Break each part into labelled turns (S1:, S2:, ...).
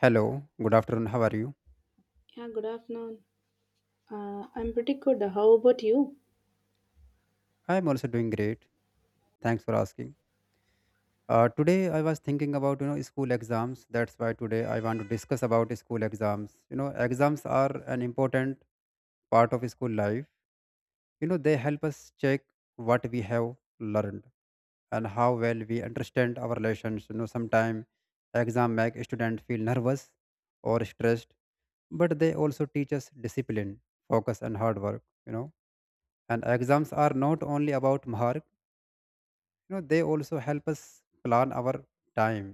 S1: Hello, good afternoon. How are you?
S2: Yeah, good afternoon. I'm pretty good. How about you?
S1: I am also doing great. Thanks for asking. Today I was thinking about school exams. That's why today I want to discuss about school exams. You know, exams are an important part of school life. You know, they help us check what we have learned and how well we understand our lessons. You know, sometimes exam make student feel nervous or stressed, but they also teach us discipline, focus, and hard work. You know, and exams are not only about mark, you know, they also help us plan our time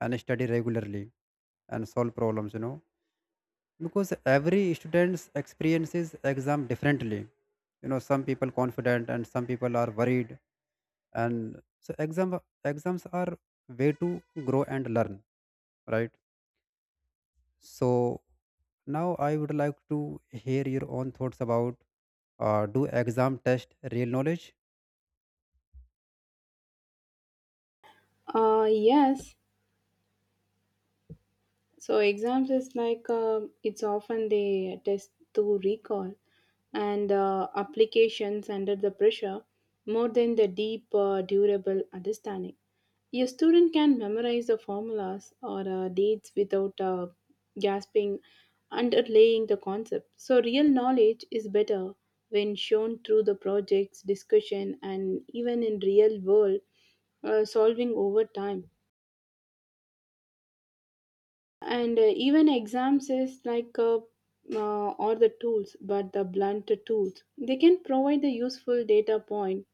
S1: and study regularly and solve problems, you know, because every students experiences exam differently, you know, some people confident and some people are worried. And so exams are way to grow and learn, right? So now I would like to hear your own thoughts about, do exam test real knowledge.
S2: Yes, so exams is like it's often they test to recall and applications under the pressure more than the deep durable understanding. A student can memorize the formulas or dates without gasping underlaying the concept. So real knowledge is better when shown through the projects, discussion, and even in real world solving over time, and even exams is like or the tools, but the blunt tools they can provide the useful data point,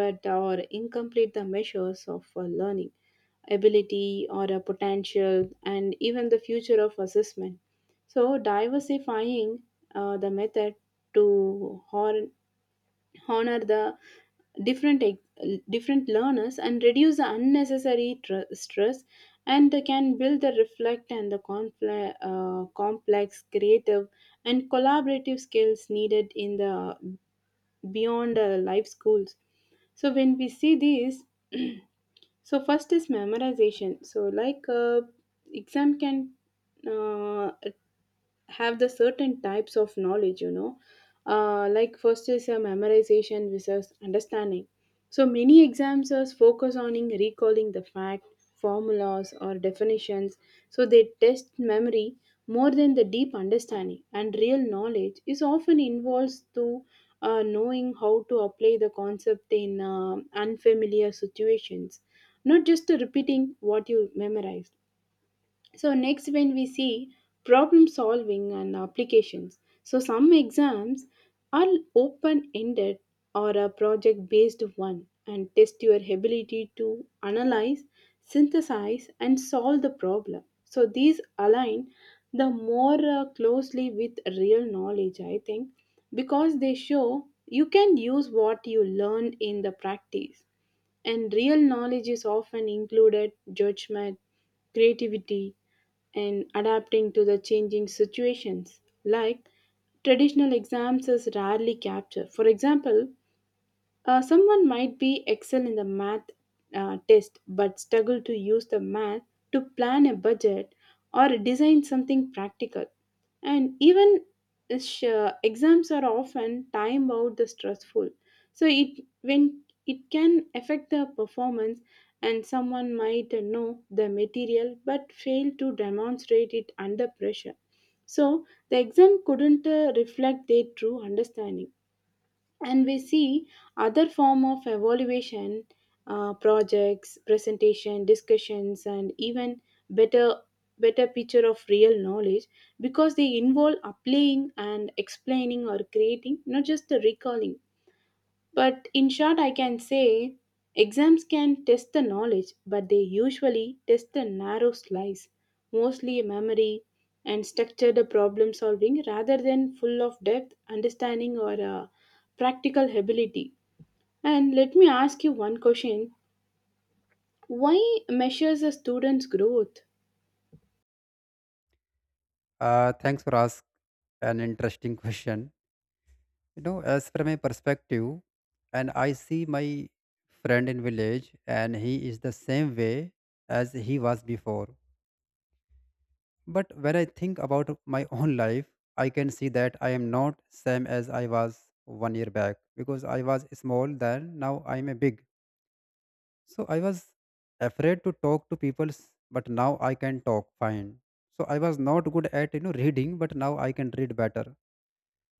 S2: but or incomplete the measures of learning ability or a potential and even the future of assessment. So diversifying the method to hone honor the different different learners and reduce the unnecessary stress, and they can build the reflect and the complex, creative, and collaborative skills needed in the beyond life schools. So when we see these so first is memorization. So like exam can uh, have the certain types of knowledge, like first is a memorization versus understanding. So many examiners focus on in recalling the fact, formulas, or definitions. So they test memory more than the deep understanding. And real knowledge is often involves to knowing how to apply the concept in unfamiliar situations, not just repeating what you memorized. So, next, when we see problem solving and applications, so some exams are open ended or a project based one and test your ability to analyze, synthesize, and solve the problem. So, these align the more closely with real knowledge, I think, because they show you can use what you learned in the practice, and real knowledge is often included judgment, creativity, and adapting to the changing situations, like traditional exams is rarely captured. For example, someone might be excel in the math test but struggle to use the math to plan a budget or design something practical. And even exams are often time out the stressful. So it when it can affect the performance, and someone might know the material but fail to demonstrate it under pressure. So the exam couldn't reflect their true understanding. And we see other form of evaluation, projects, presentation, discussions, and even better picture of real knowledge, because they involve applying and explaining or creating, not just the recalling. But in short, I can say exams can test the knowledge, but they usually test the narrow slice, mostly memory and structured problem solving, rather than full of depth, understanding, or practical ability. And let me ask you one question, why measures a student's growth?
S1: Thanks for asking an interesting question. You know, as from a perspective, and I see my friend in village, and he is the same way as he was before. But when I think about my own life, I can see that I am not same as I was 1 year back because I was small then. Now I am a big. So I was afraid to talk to people, but now I can talk fine. So I was not good at reading, but now I can read better.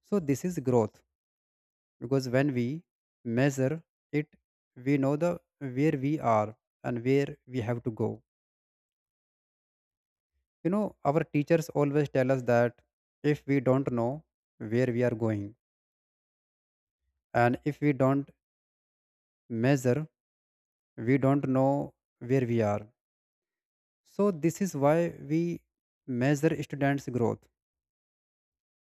S1: So this is growth because when we measure it, we know the where we are and where we have to go. You know, our teachers always tell us that if we don't know where we are going and if we don't measure, we don't know where we are. So this is why we measure students' growth.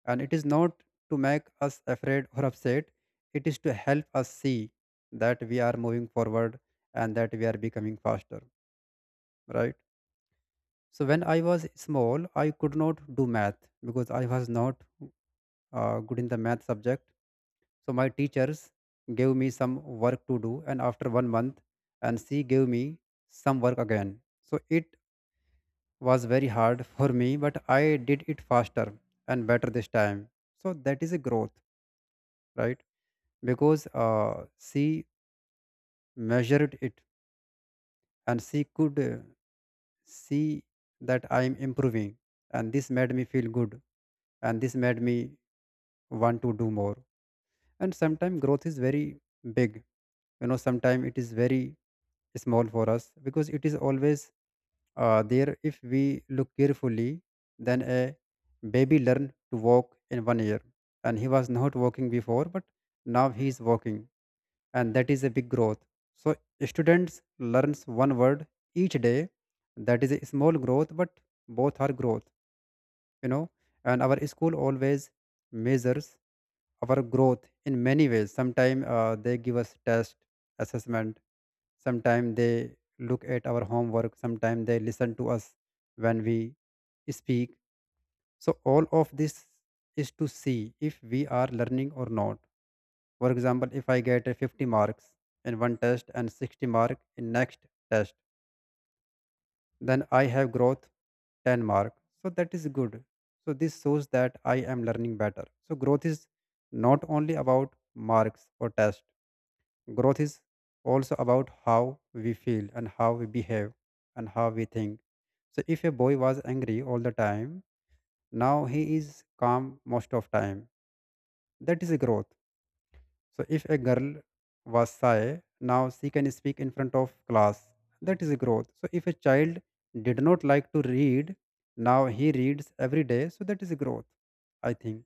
S1: And it is not to make us afraid or upset. It is to help us see that we are moving forward and that we are becoming faster, right? So when I was small, I could not do math because I was not good in the math subject. So my teachers gave me some work to do, and after 1 month, and she gave me some work again. So it was very hard for me, but I did it faster and better this time. So that is a growth, right? Because she measured it and she could see that I am improving. And this made me feel good. And this made me want to do more. And sometimes growth is very big. You know, sometimes it is very small for us because it is always there. If we look carefully, then a baby learned to walk in 1 year. And he was not walking before, but now he is walking and that is a big growth. So students learns one word each day. That is a small growth, but both are growth, you know. And our school always measures our growth in many ways. Sometimes they give us test assessment. Sometimes they look at our homework. Sometimes they listen to us when we speak. So all of this is to see if we are learning or not. For example, if I get a 50 marks in one test and 60 mark in next test, then I have growth 10 mark. So that is good. So this shows that I am learning better. So growth is not only about marks or test. Growth is also about how we feel and how we behave and how we think. So if a boy was angry all the time, now he is calm most of time. That is a growth. So if a girl was shy, now she can speak in front of class. That is growth. So if a child did not like to read, now he reads every day. So that is growth, I think.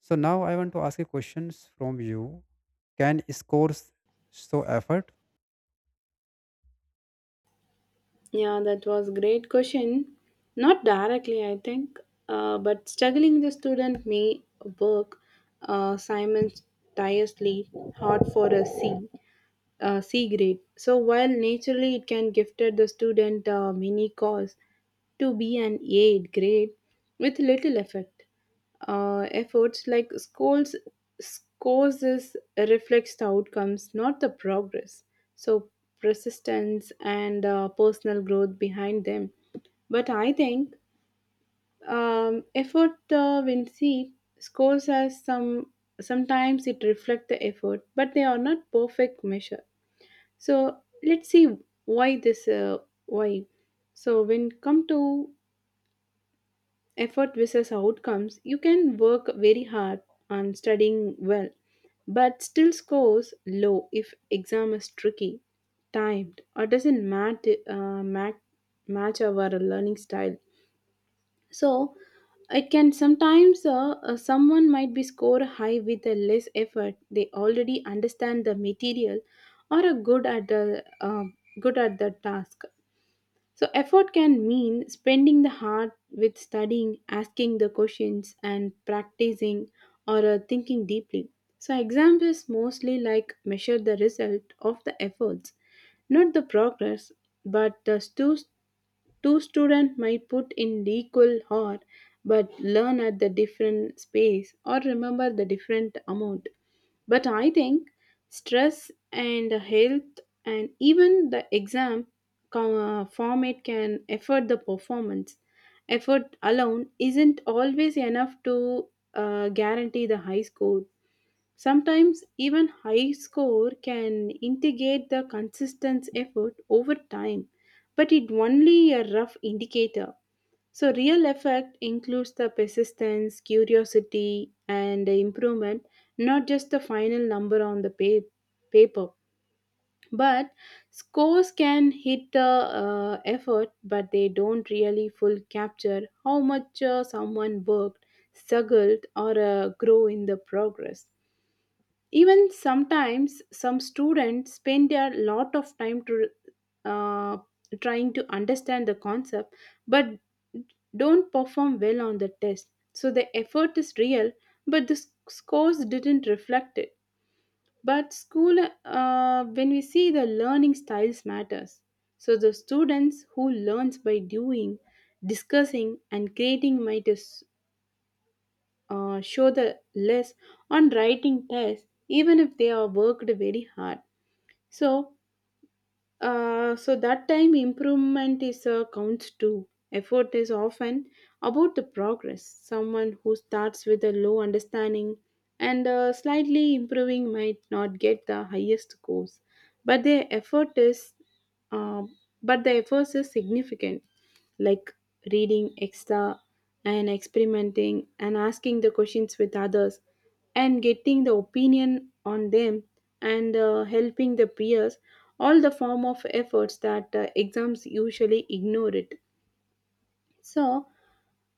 S1: So now I want to ask a questions from you. Can scores show effort?
S2: Yeah, that was great question. Not directly, I think, but struggling the student may work Simon tirelessly hard for a C grade. So while naturally it can gifted the student a mini course to be an A grade with little effect. Efforts like schools scores is reflects the outcomes, not the progress. So persistence and personal growth behind them. But I think effort when see scores as sometimes it reflect the effort, but they are not perfect measure. So let's see why this, why so when come to effort versus outcomes, you can work very hard on studying well, but still scores low if exam is tricky, timed, or doesn't match our learning style. So it can sometimes, someone might be score high with a less effort, they already understand the material or are good at the task. So, effort can mean spending the heart with studying, asking the questions, and practicing, or thinking deeply. So, exams is mostly like measure the result of the efforts, not the progress, but the two students might put in the equal hour but learn at the different space or remember the different amount. But I think stress and health and even the exam format can affect the performance. Effort alone isn't always enough to guarantee the high score. Sometimes even high score can integrate the consistent effort over time, but it only a rough indicator. So, real effect includes the persistence, curiosity, and the improvement, not just the final number on the paper. But scores can hit the effort, but they don't really full capture how much someone worked, struggled, or grow in the progress. Even sometimes, some students spend a lot of time to uh, trying to understand the concept, but don't perform well on the test. So the effort is real, but the scores didn't reflect it. But school, when we see the learning styles matters. So the students who learns by doing, discussing, and creating might is show the less on writing tests, even if they are worked very hard. So that time improvement is counts too. Effort is often about the progress. Someone who starts with a low understanding and slightly improving might not get the highest scores, but their effort is uh, but the effort is significant, like reading extra and experimenting and asking the questions with others and getting the opinion on them and helping the peers, all the form of efforts that exams usually ignore it. So,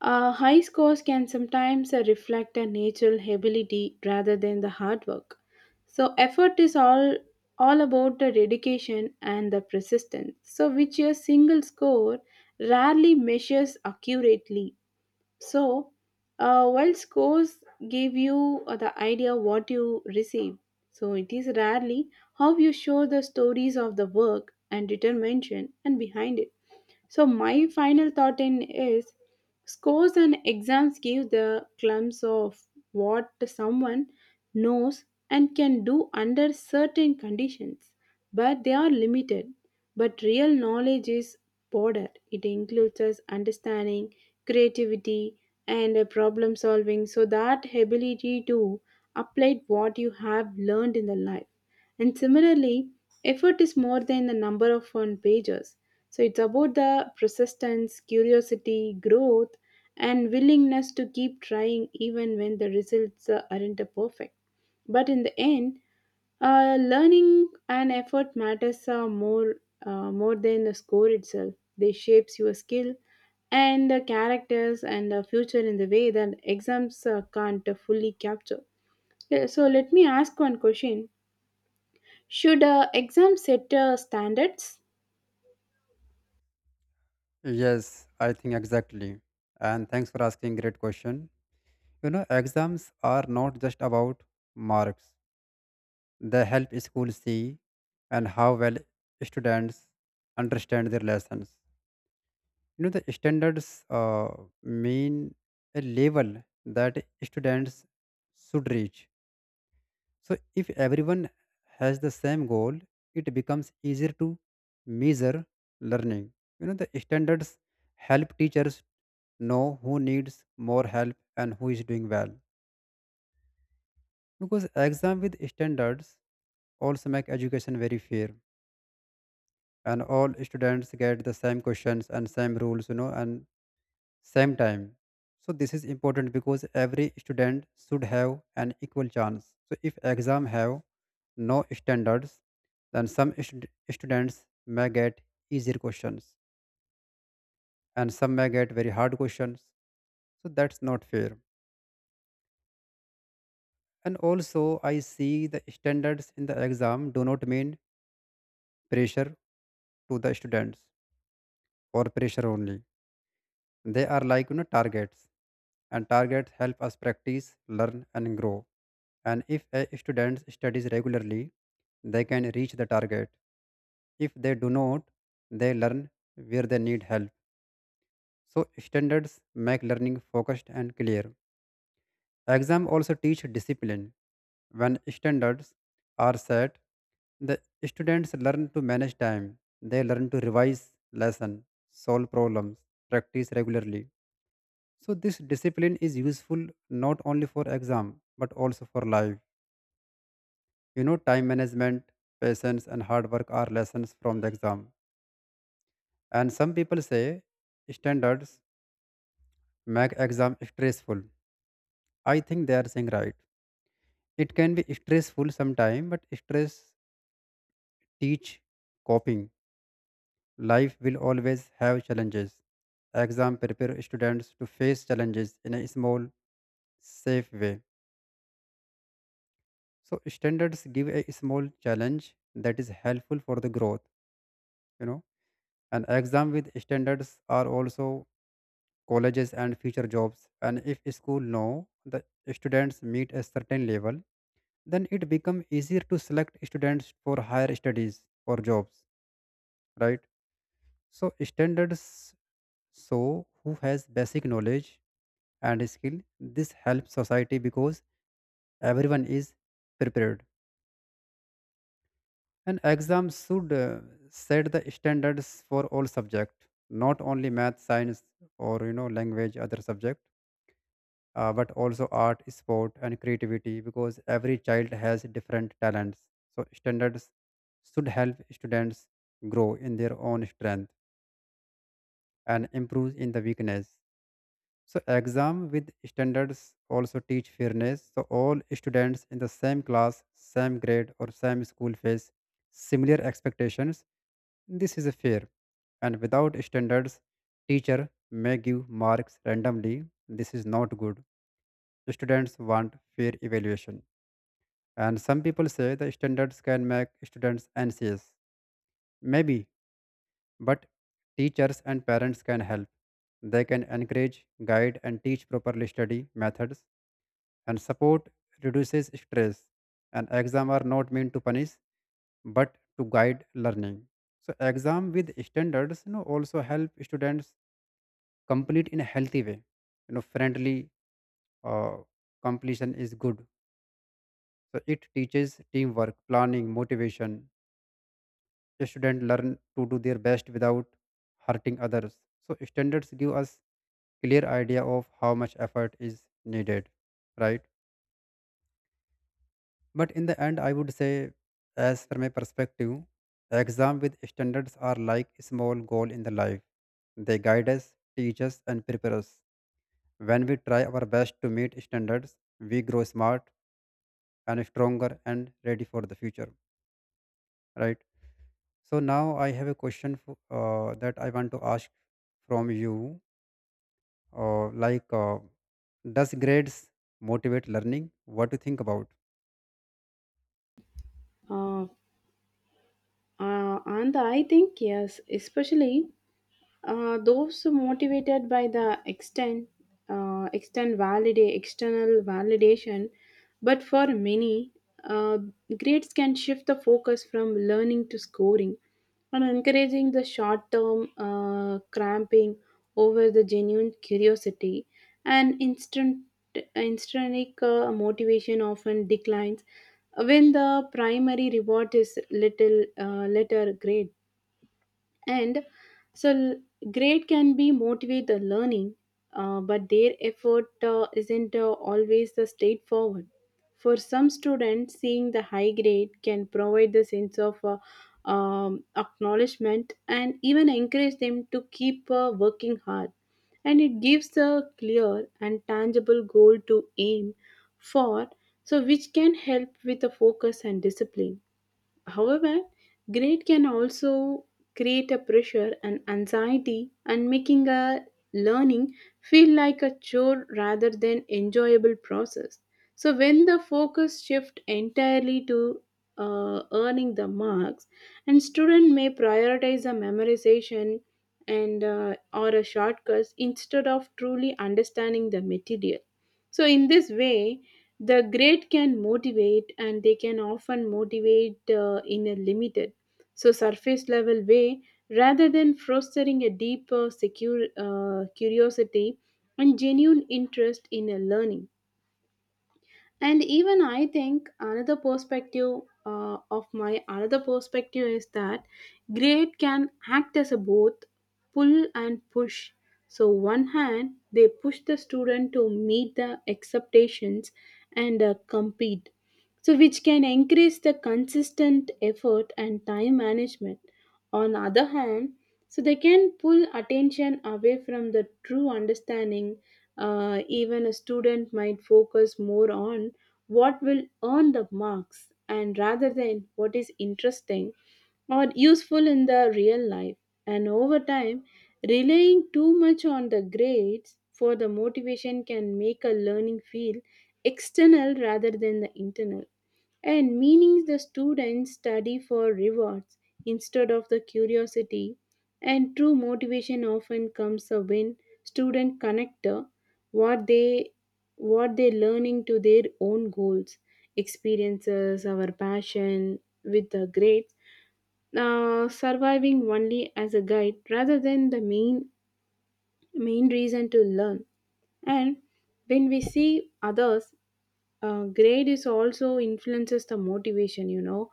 S2: high scores can sometimes reflect a natural ability rather than the hard work. So, effort is all about the dedication and the persistence, so which a single score rarely measures accurately. So, while scores give you the idea what you receive, so it is rarely how you show the stories of the work and determination and behind it. So my final thought in is scores and exams give the clumps of what someone knows and can do under certain conditions, but they are limited. But real knowledge is broader. It includes us understanding, creativity, and problem solving, so that ability to apply what you have learned in the life. And similarly, effort is more than the number of on pages. So it's about the persistence, curiosity, growth, and willingness to keep trying even when the results aren't perfect. But in the end, learning and effort matters more than the score itself. They shapes your skill and the characters and the future in the way that exams can't fully capture. Yeah, so let me ask one question. Should exams set standards?
S1: Yes, I think exactly. And thanks for asking great question. You know, exams are not just about marks. They help schools see and how well students understand their lessons. You know, the standards mean a level that students should reach. So, if everyone has the same goal, it becomes easier to measure learning. You know, the standards help teachers know who needs more help and who is doing well. Because exam with standards also make education very fair. And all students get the same questions and same rules, you know, and same time. So this is important because every student should have an equal chance. So if exam have no standards, then students may get easier questions and some may get very hard questions. So that's not fair. And also I see the standards in the exam do not mean pressure to the students or pressure only. They are like, you know, targets, and targets help us practice, learn, and grow. And if a student studies regularly, they can reach the target. If they do not, they learn where they need help. So standards make learning focused and clear. Exam also teach discipline. When standards are set, the students learn to manage time. They learn to revise lesson, solve problems, practice regularly. So this discipline is useful not only for exam but also for life. You know, time management, patience, and hard work are lessons from the exam. And some people say standards make exam stressful. I think they are saying right. It can be stressful sometime, but stress teach coping. Life will always have challenges. Exam prepare students to face challenges in a small, safe way. So standards give a small challenge that is helpful for the growth, you know. And exam with standards are also colleges and future jobs. And if school know the students meet a certain level, then it become easier to select students for higher studies or jobs, right? So standards show who has basic knowledge and skill. This helps society because everyone is prepared. And exams should set the standards for all subject, not only math, science, or you know language, other subject, but also art, sport, and creativity because every child has different talents. So standards should help students grow in their own strength and improve in the weakness. So exam with standards also teach fairness. So all students in the same class, same grade, or same school face similar expectations. This is fair. And without standards, teacher may give marks randomly. This is not good. Students want fair evaluation. And some people say the standards can make students anxious. Maybe, but teachers and parents can help. They can encourage, guide, and teach properly study methods. And support reduces stress. And exam are not meant to punish, but to guide learning. So exam with standards, you know, also help students complete in a healthy way, you know, friendly, uh, completion is good. So it teaches teamwork, planning, motivation. The student learn to do their best without hurting others. So standards give us clear idea of how much effort is needed, right? But in the end, I would say, as from a perspective, exam with standards are like a small goal in the life. They guide us, teach us and prepare us. When we try our best to meet standards, we grow smart and stronger and ready for the future, right? So now I have a question for, that I want to ask from you, uh, like uh, does grades motivate learning? What do you think about?
S2: Uh, and I think yes, especially those motivated by the extent, validate external validation, but for many, uh, grades can shift the focus from learning to scoring, and encouraging the short term cramping over the genuine curiosity. And instant intrinsic motivation often declines when the primary reward is little letter grade. And so, grade can be motivate the learning, but their effort isn't always the straightforward. For some students, seeing the high grade can provide the sense of acknowledgement and even encourage them to keep working hard. And it gives a clear and tangible goal to aim for, so which can help with the focus and discipline. However, grade can also create a pressure and anxiety, and making a learning feel like a chore rather than enjoyable process. So when the focus shift entirely to earning the marks, and student may prioritize a memorization and or a shortcuts instead of truly understanding the material. So in this way, the great can motivate, and they can often motivate in a limited, so surface level way, rather than fostering a deeper secure, curiosity and genuine interest in a learning. And even I think another perspective is that grade can act as a both pull and push. So one hand they push the student to meet the expectations and compete, so which can increase the consistent effort and time management. On other hand, so they can pull attention away from the true understanding, even a student might focus more on what will earn the marks, and rather than what is interesting or useful in the real life. And over time, relying too much on the grades for the motivation can make a learning feel external rather than the internal, and meaning the students study for rewards instead of the curiosity. And true motivation often comes when student connect, what they what they learning to their own goals, experiences, our passion, with the grades surviving only as a guide rather than the main reason to learn. And when we see others grade is also influences the motivation, you know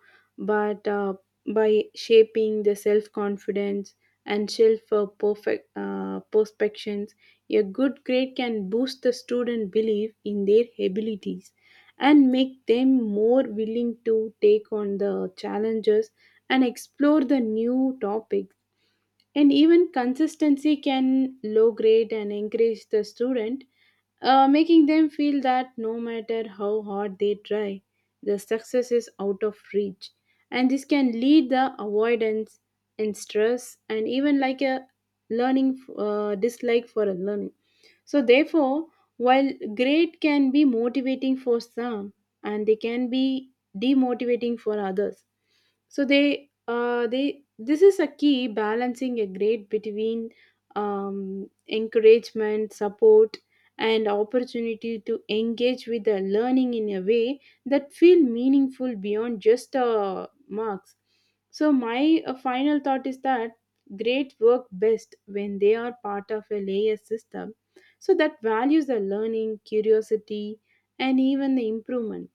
S2: but uh, by shaping the self confidence and self perfect perspectives. A good grade can boost the student belief in their abilities and make them more willing to take on the challenges and explore the new topics. And even consistency can low grade and encourage the student, making them feel that no matter how hard they try, the success is out of reach. And this can lead the avoidance and stress, and even like a learning dislike for a learning. So, therefore, while grade can be motivating for some, and they can be demotivating for others, so they this is a key balancing a grade between encouragement, support, and opportunity to engage with the learning in a way that feel meaningful beyond just marks. So my final thought is that grades work best when they are part of a layer system, so that values the learning curiosity and even the improvement,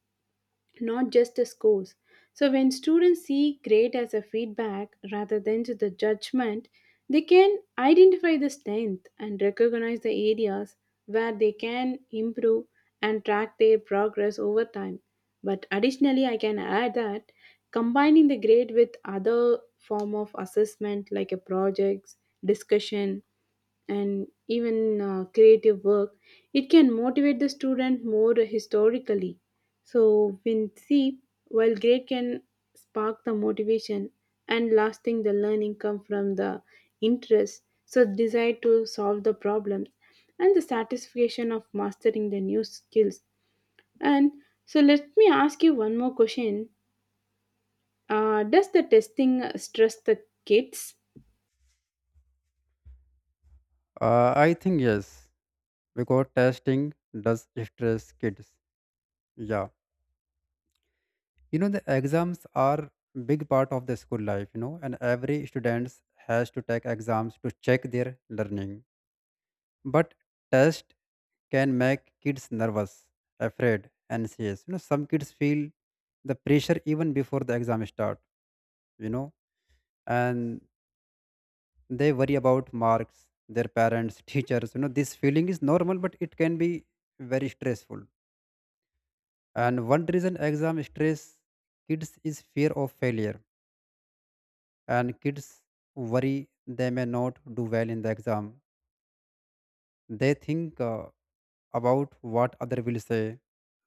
S2: not just the scores. So when students see grade as a feedback rather than to the judgment, they can identify the strength and recognize the areas where they can improve and track their progress over time. But additionally, I can add that combining the grade with other form of assessment like a projects, discussion, and even creative work, it can motivate the student more historically. So, when while grade can spark the motivation, and lasting the learning come from the interest, so desire to solve the problems and the satisfaction of mastering the new skills. And so, let me ask you one more question. Does the testing stress the kids?
S1: I think yes, because testing does stress kids, yeah. You know, the exams are big part of the school life, you know, and every student has to take exams to check their learning. But test can make kids nervous, afraid, anxious. You know, some kids feel the pressure even before the exam start, you know, and they worry about marks, their parents, teachers. You know, this feeling is normal, but it can be very stressful. And one reason exam stress kids is fear of failure. And kids worry they may not do well in the exam. They think about what other will say.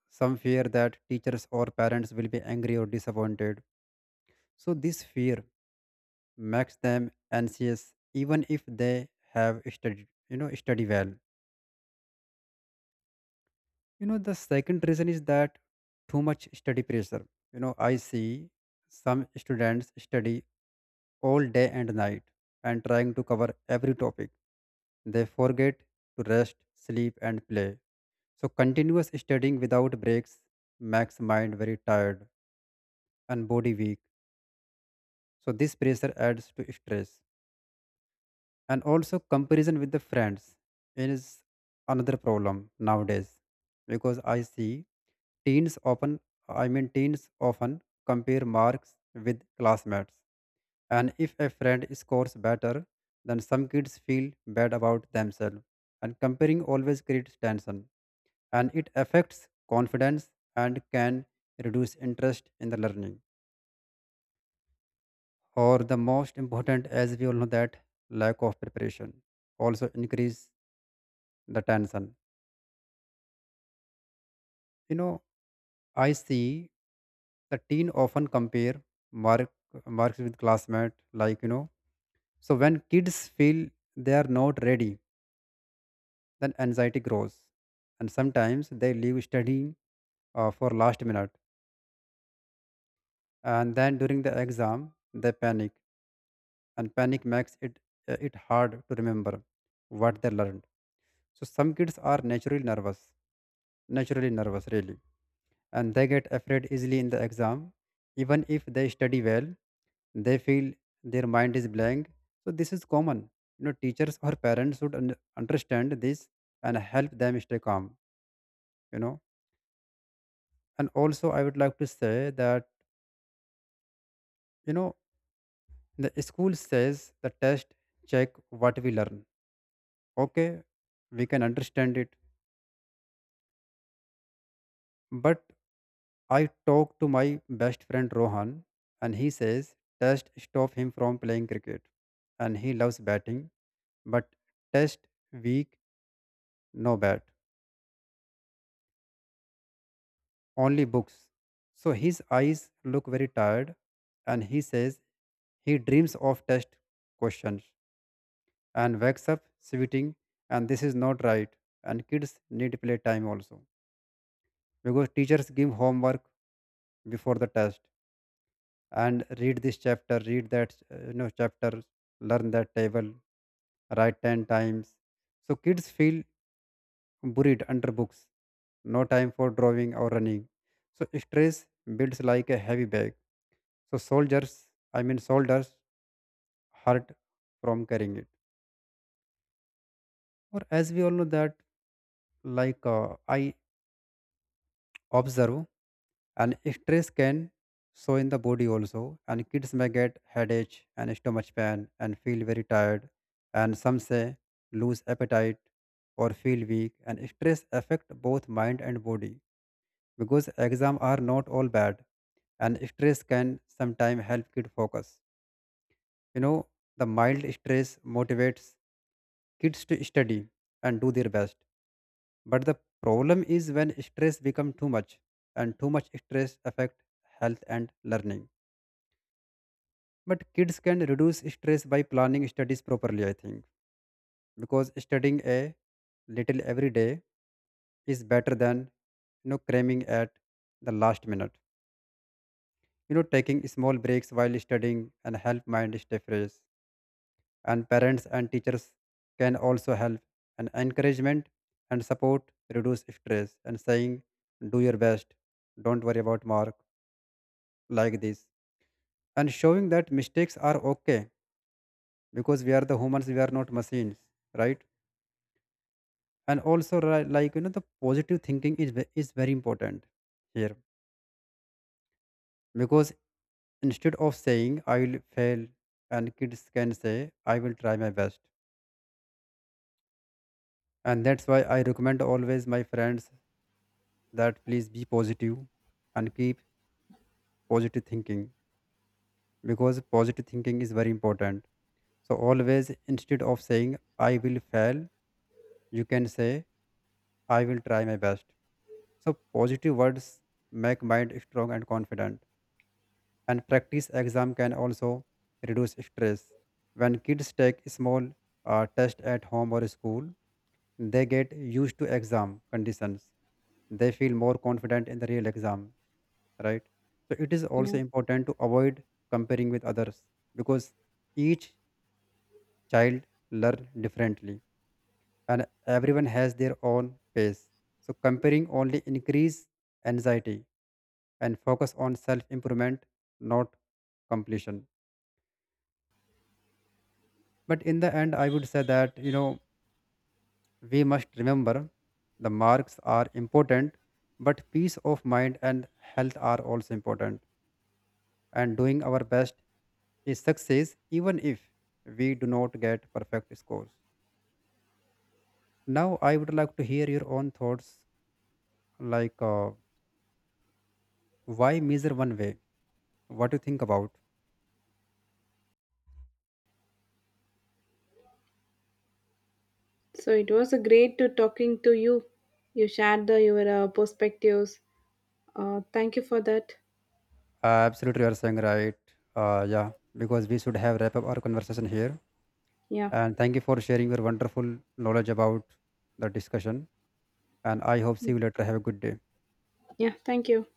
S1: Some fear that teachers or parents will be angry or disappointed. So this fear makes them anxious even if they have studied, you know, study well. You know, the second reason is that too much study pressure. You know, I see some students study all day and night and trying to cover every topic. They forget to rest, sleep and play. So continuous studying without breaks makes mind very tired and body weak. So this pressure adds to stress, and also comparison with the friends is another problem nowadays, because I see teens often teens often compare marks with classmates, and if a friend scores better, then some kids feel bad about themselves. And comparing always creates tension, and it affects confidence and can reduce interest in the learning. Or the most important, as we all know, that lack of preparation also increase the tension. You know, I see the teen often compare mark marks with classmate, like you know. So when kids feel they are not ready, then anxiety grows, and sometimes they leave studying for last minute, and then during the exam they panic, and panic makes it hard to remember what they learned. So some kids are naturally nervous really, and they get afraid easily in the exam. Even if they study well, they feel their mind is blank. So this is common. You know, teachers or parents should understand this and help them stay calm, you know and also I would like to say that, you know the school says the test check what we learn. Okay, we can understand it, but I talked to my best friend Rohan, and he says test stop him from playing cricket, and he loves batting. But test week, no bat, only books. So his eyes look very tired, and he says he dreams of test questions and wakes up sweating, and this is not right. And kids need playtime also, because teachers give homework before the test, and read this chapter, read that chapter, learn that table, write 10 times. So kids feel buried under books, no time for drawing or running. So stress builds like a heavy bag. So soldiers, soldiers, hurt from carrying it. Or as we all know that, I observe, and stress can show in the body also, and kids may get headache and stomach pain and feel very tired, and some say lose appetite or feel weak. And stress affect both mind and body, because exam are not all bad, and stress can sometimes help kid focus. You know, the mild stress motivates kids to study and do their best. But the problem is when stress becomes too much, and too much stress affect health and learning. But kids can reduce stress by planning studies properly, I think. Because studying a little every day is better than, cramming at the last minute. You know, taking small breaks while studying and help mind stay fresh. And parents and teachers can also help, and encouragement and support reduce stress, and saying do your best, don't worry about mark, like this, and showing that mistakes are okay, because we are the humans, we are not machines, right? And also the positive thinking is is very important here, because instead of saying I will fail, and kids can say I will try my best. And that's why I recommend always my friends that please be positive and keep positive thinking, because positive thinking is very important. So, always instead of saying I will fail, you can say I will try my best. So, positive words make mind strong and confident. And practice exam can also reduce stress. When kids take small test at home or school, they get used to exam conditions. They feel more confident in the real exam, right? So it is also
S2: Yeah.
S1: important to avoid comparing with others, because each child learn differently and everyone has their own pace. So comparing only increase anxiety, and focus on self improvement, not completion. But in the end, I would say that, you know, we must remember the marks are important, but peace of mind and health are also important. And doing our best is success, even if we do not get perfect scores. Now, I would like to hear your own thoughts, like uh, why measure one way? What do you think about?
S2: So it was a great to talking to you. You shared your perspectives. Thank you for that.
S1: Absolutely, you are saying right. Yeah, because we should have wrap up our conversation here.
S2: Yeah.
S1: And thank you for sharing your wonderful knowledge about the discussion. And I hope see you later. Have a good day.
S2: Yeah. Thank you.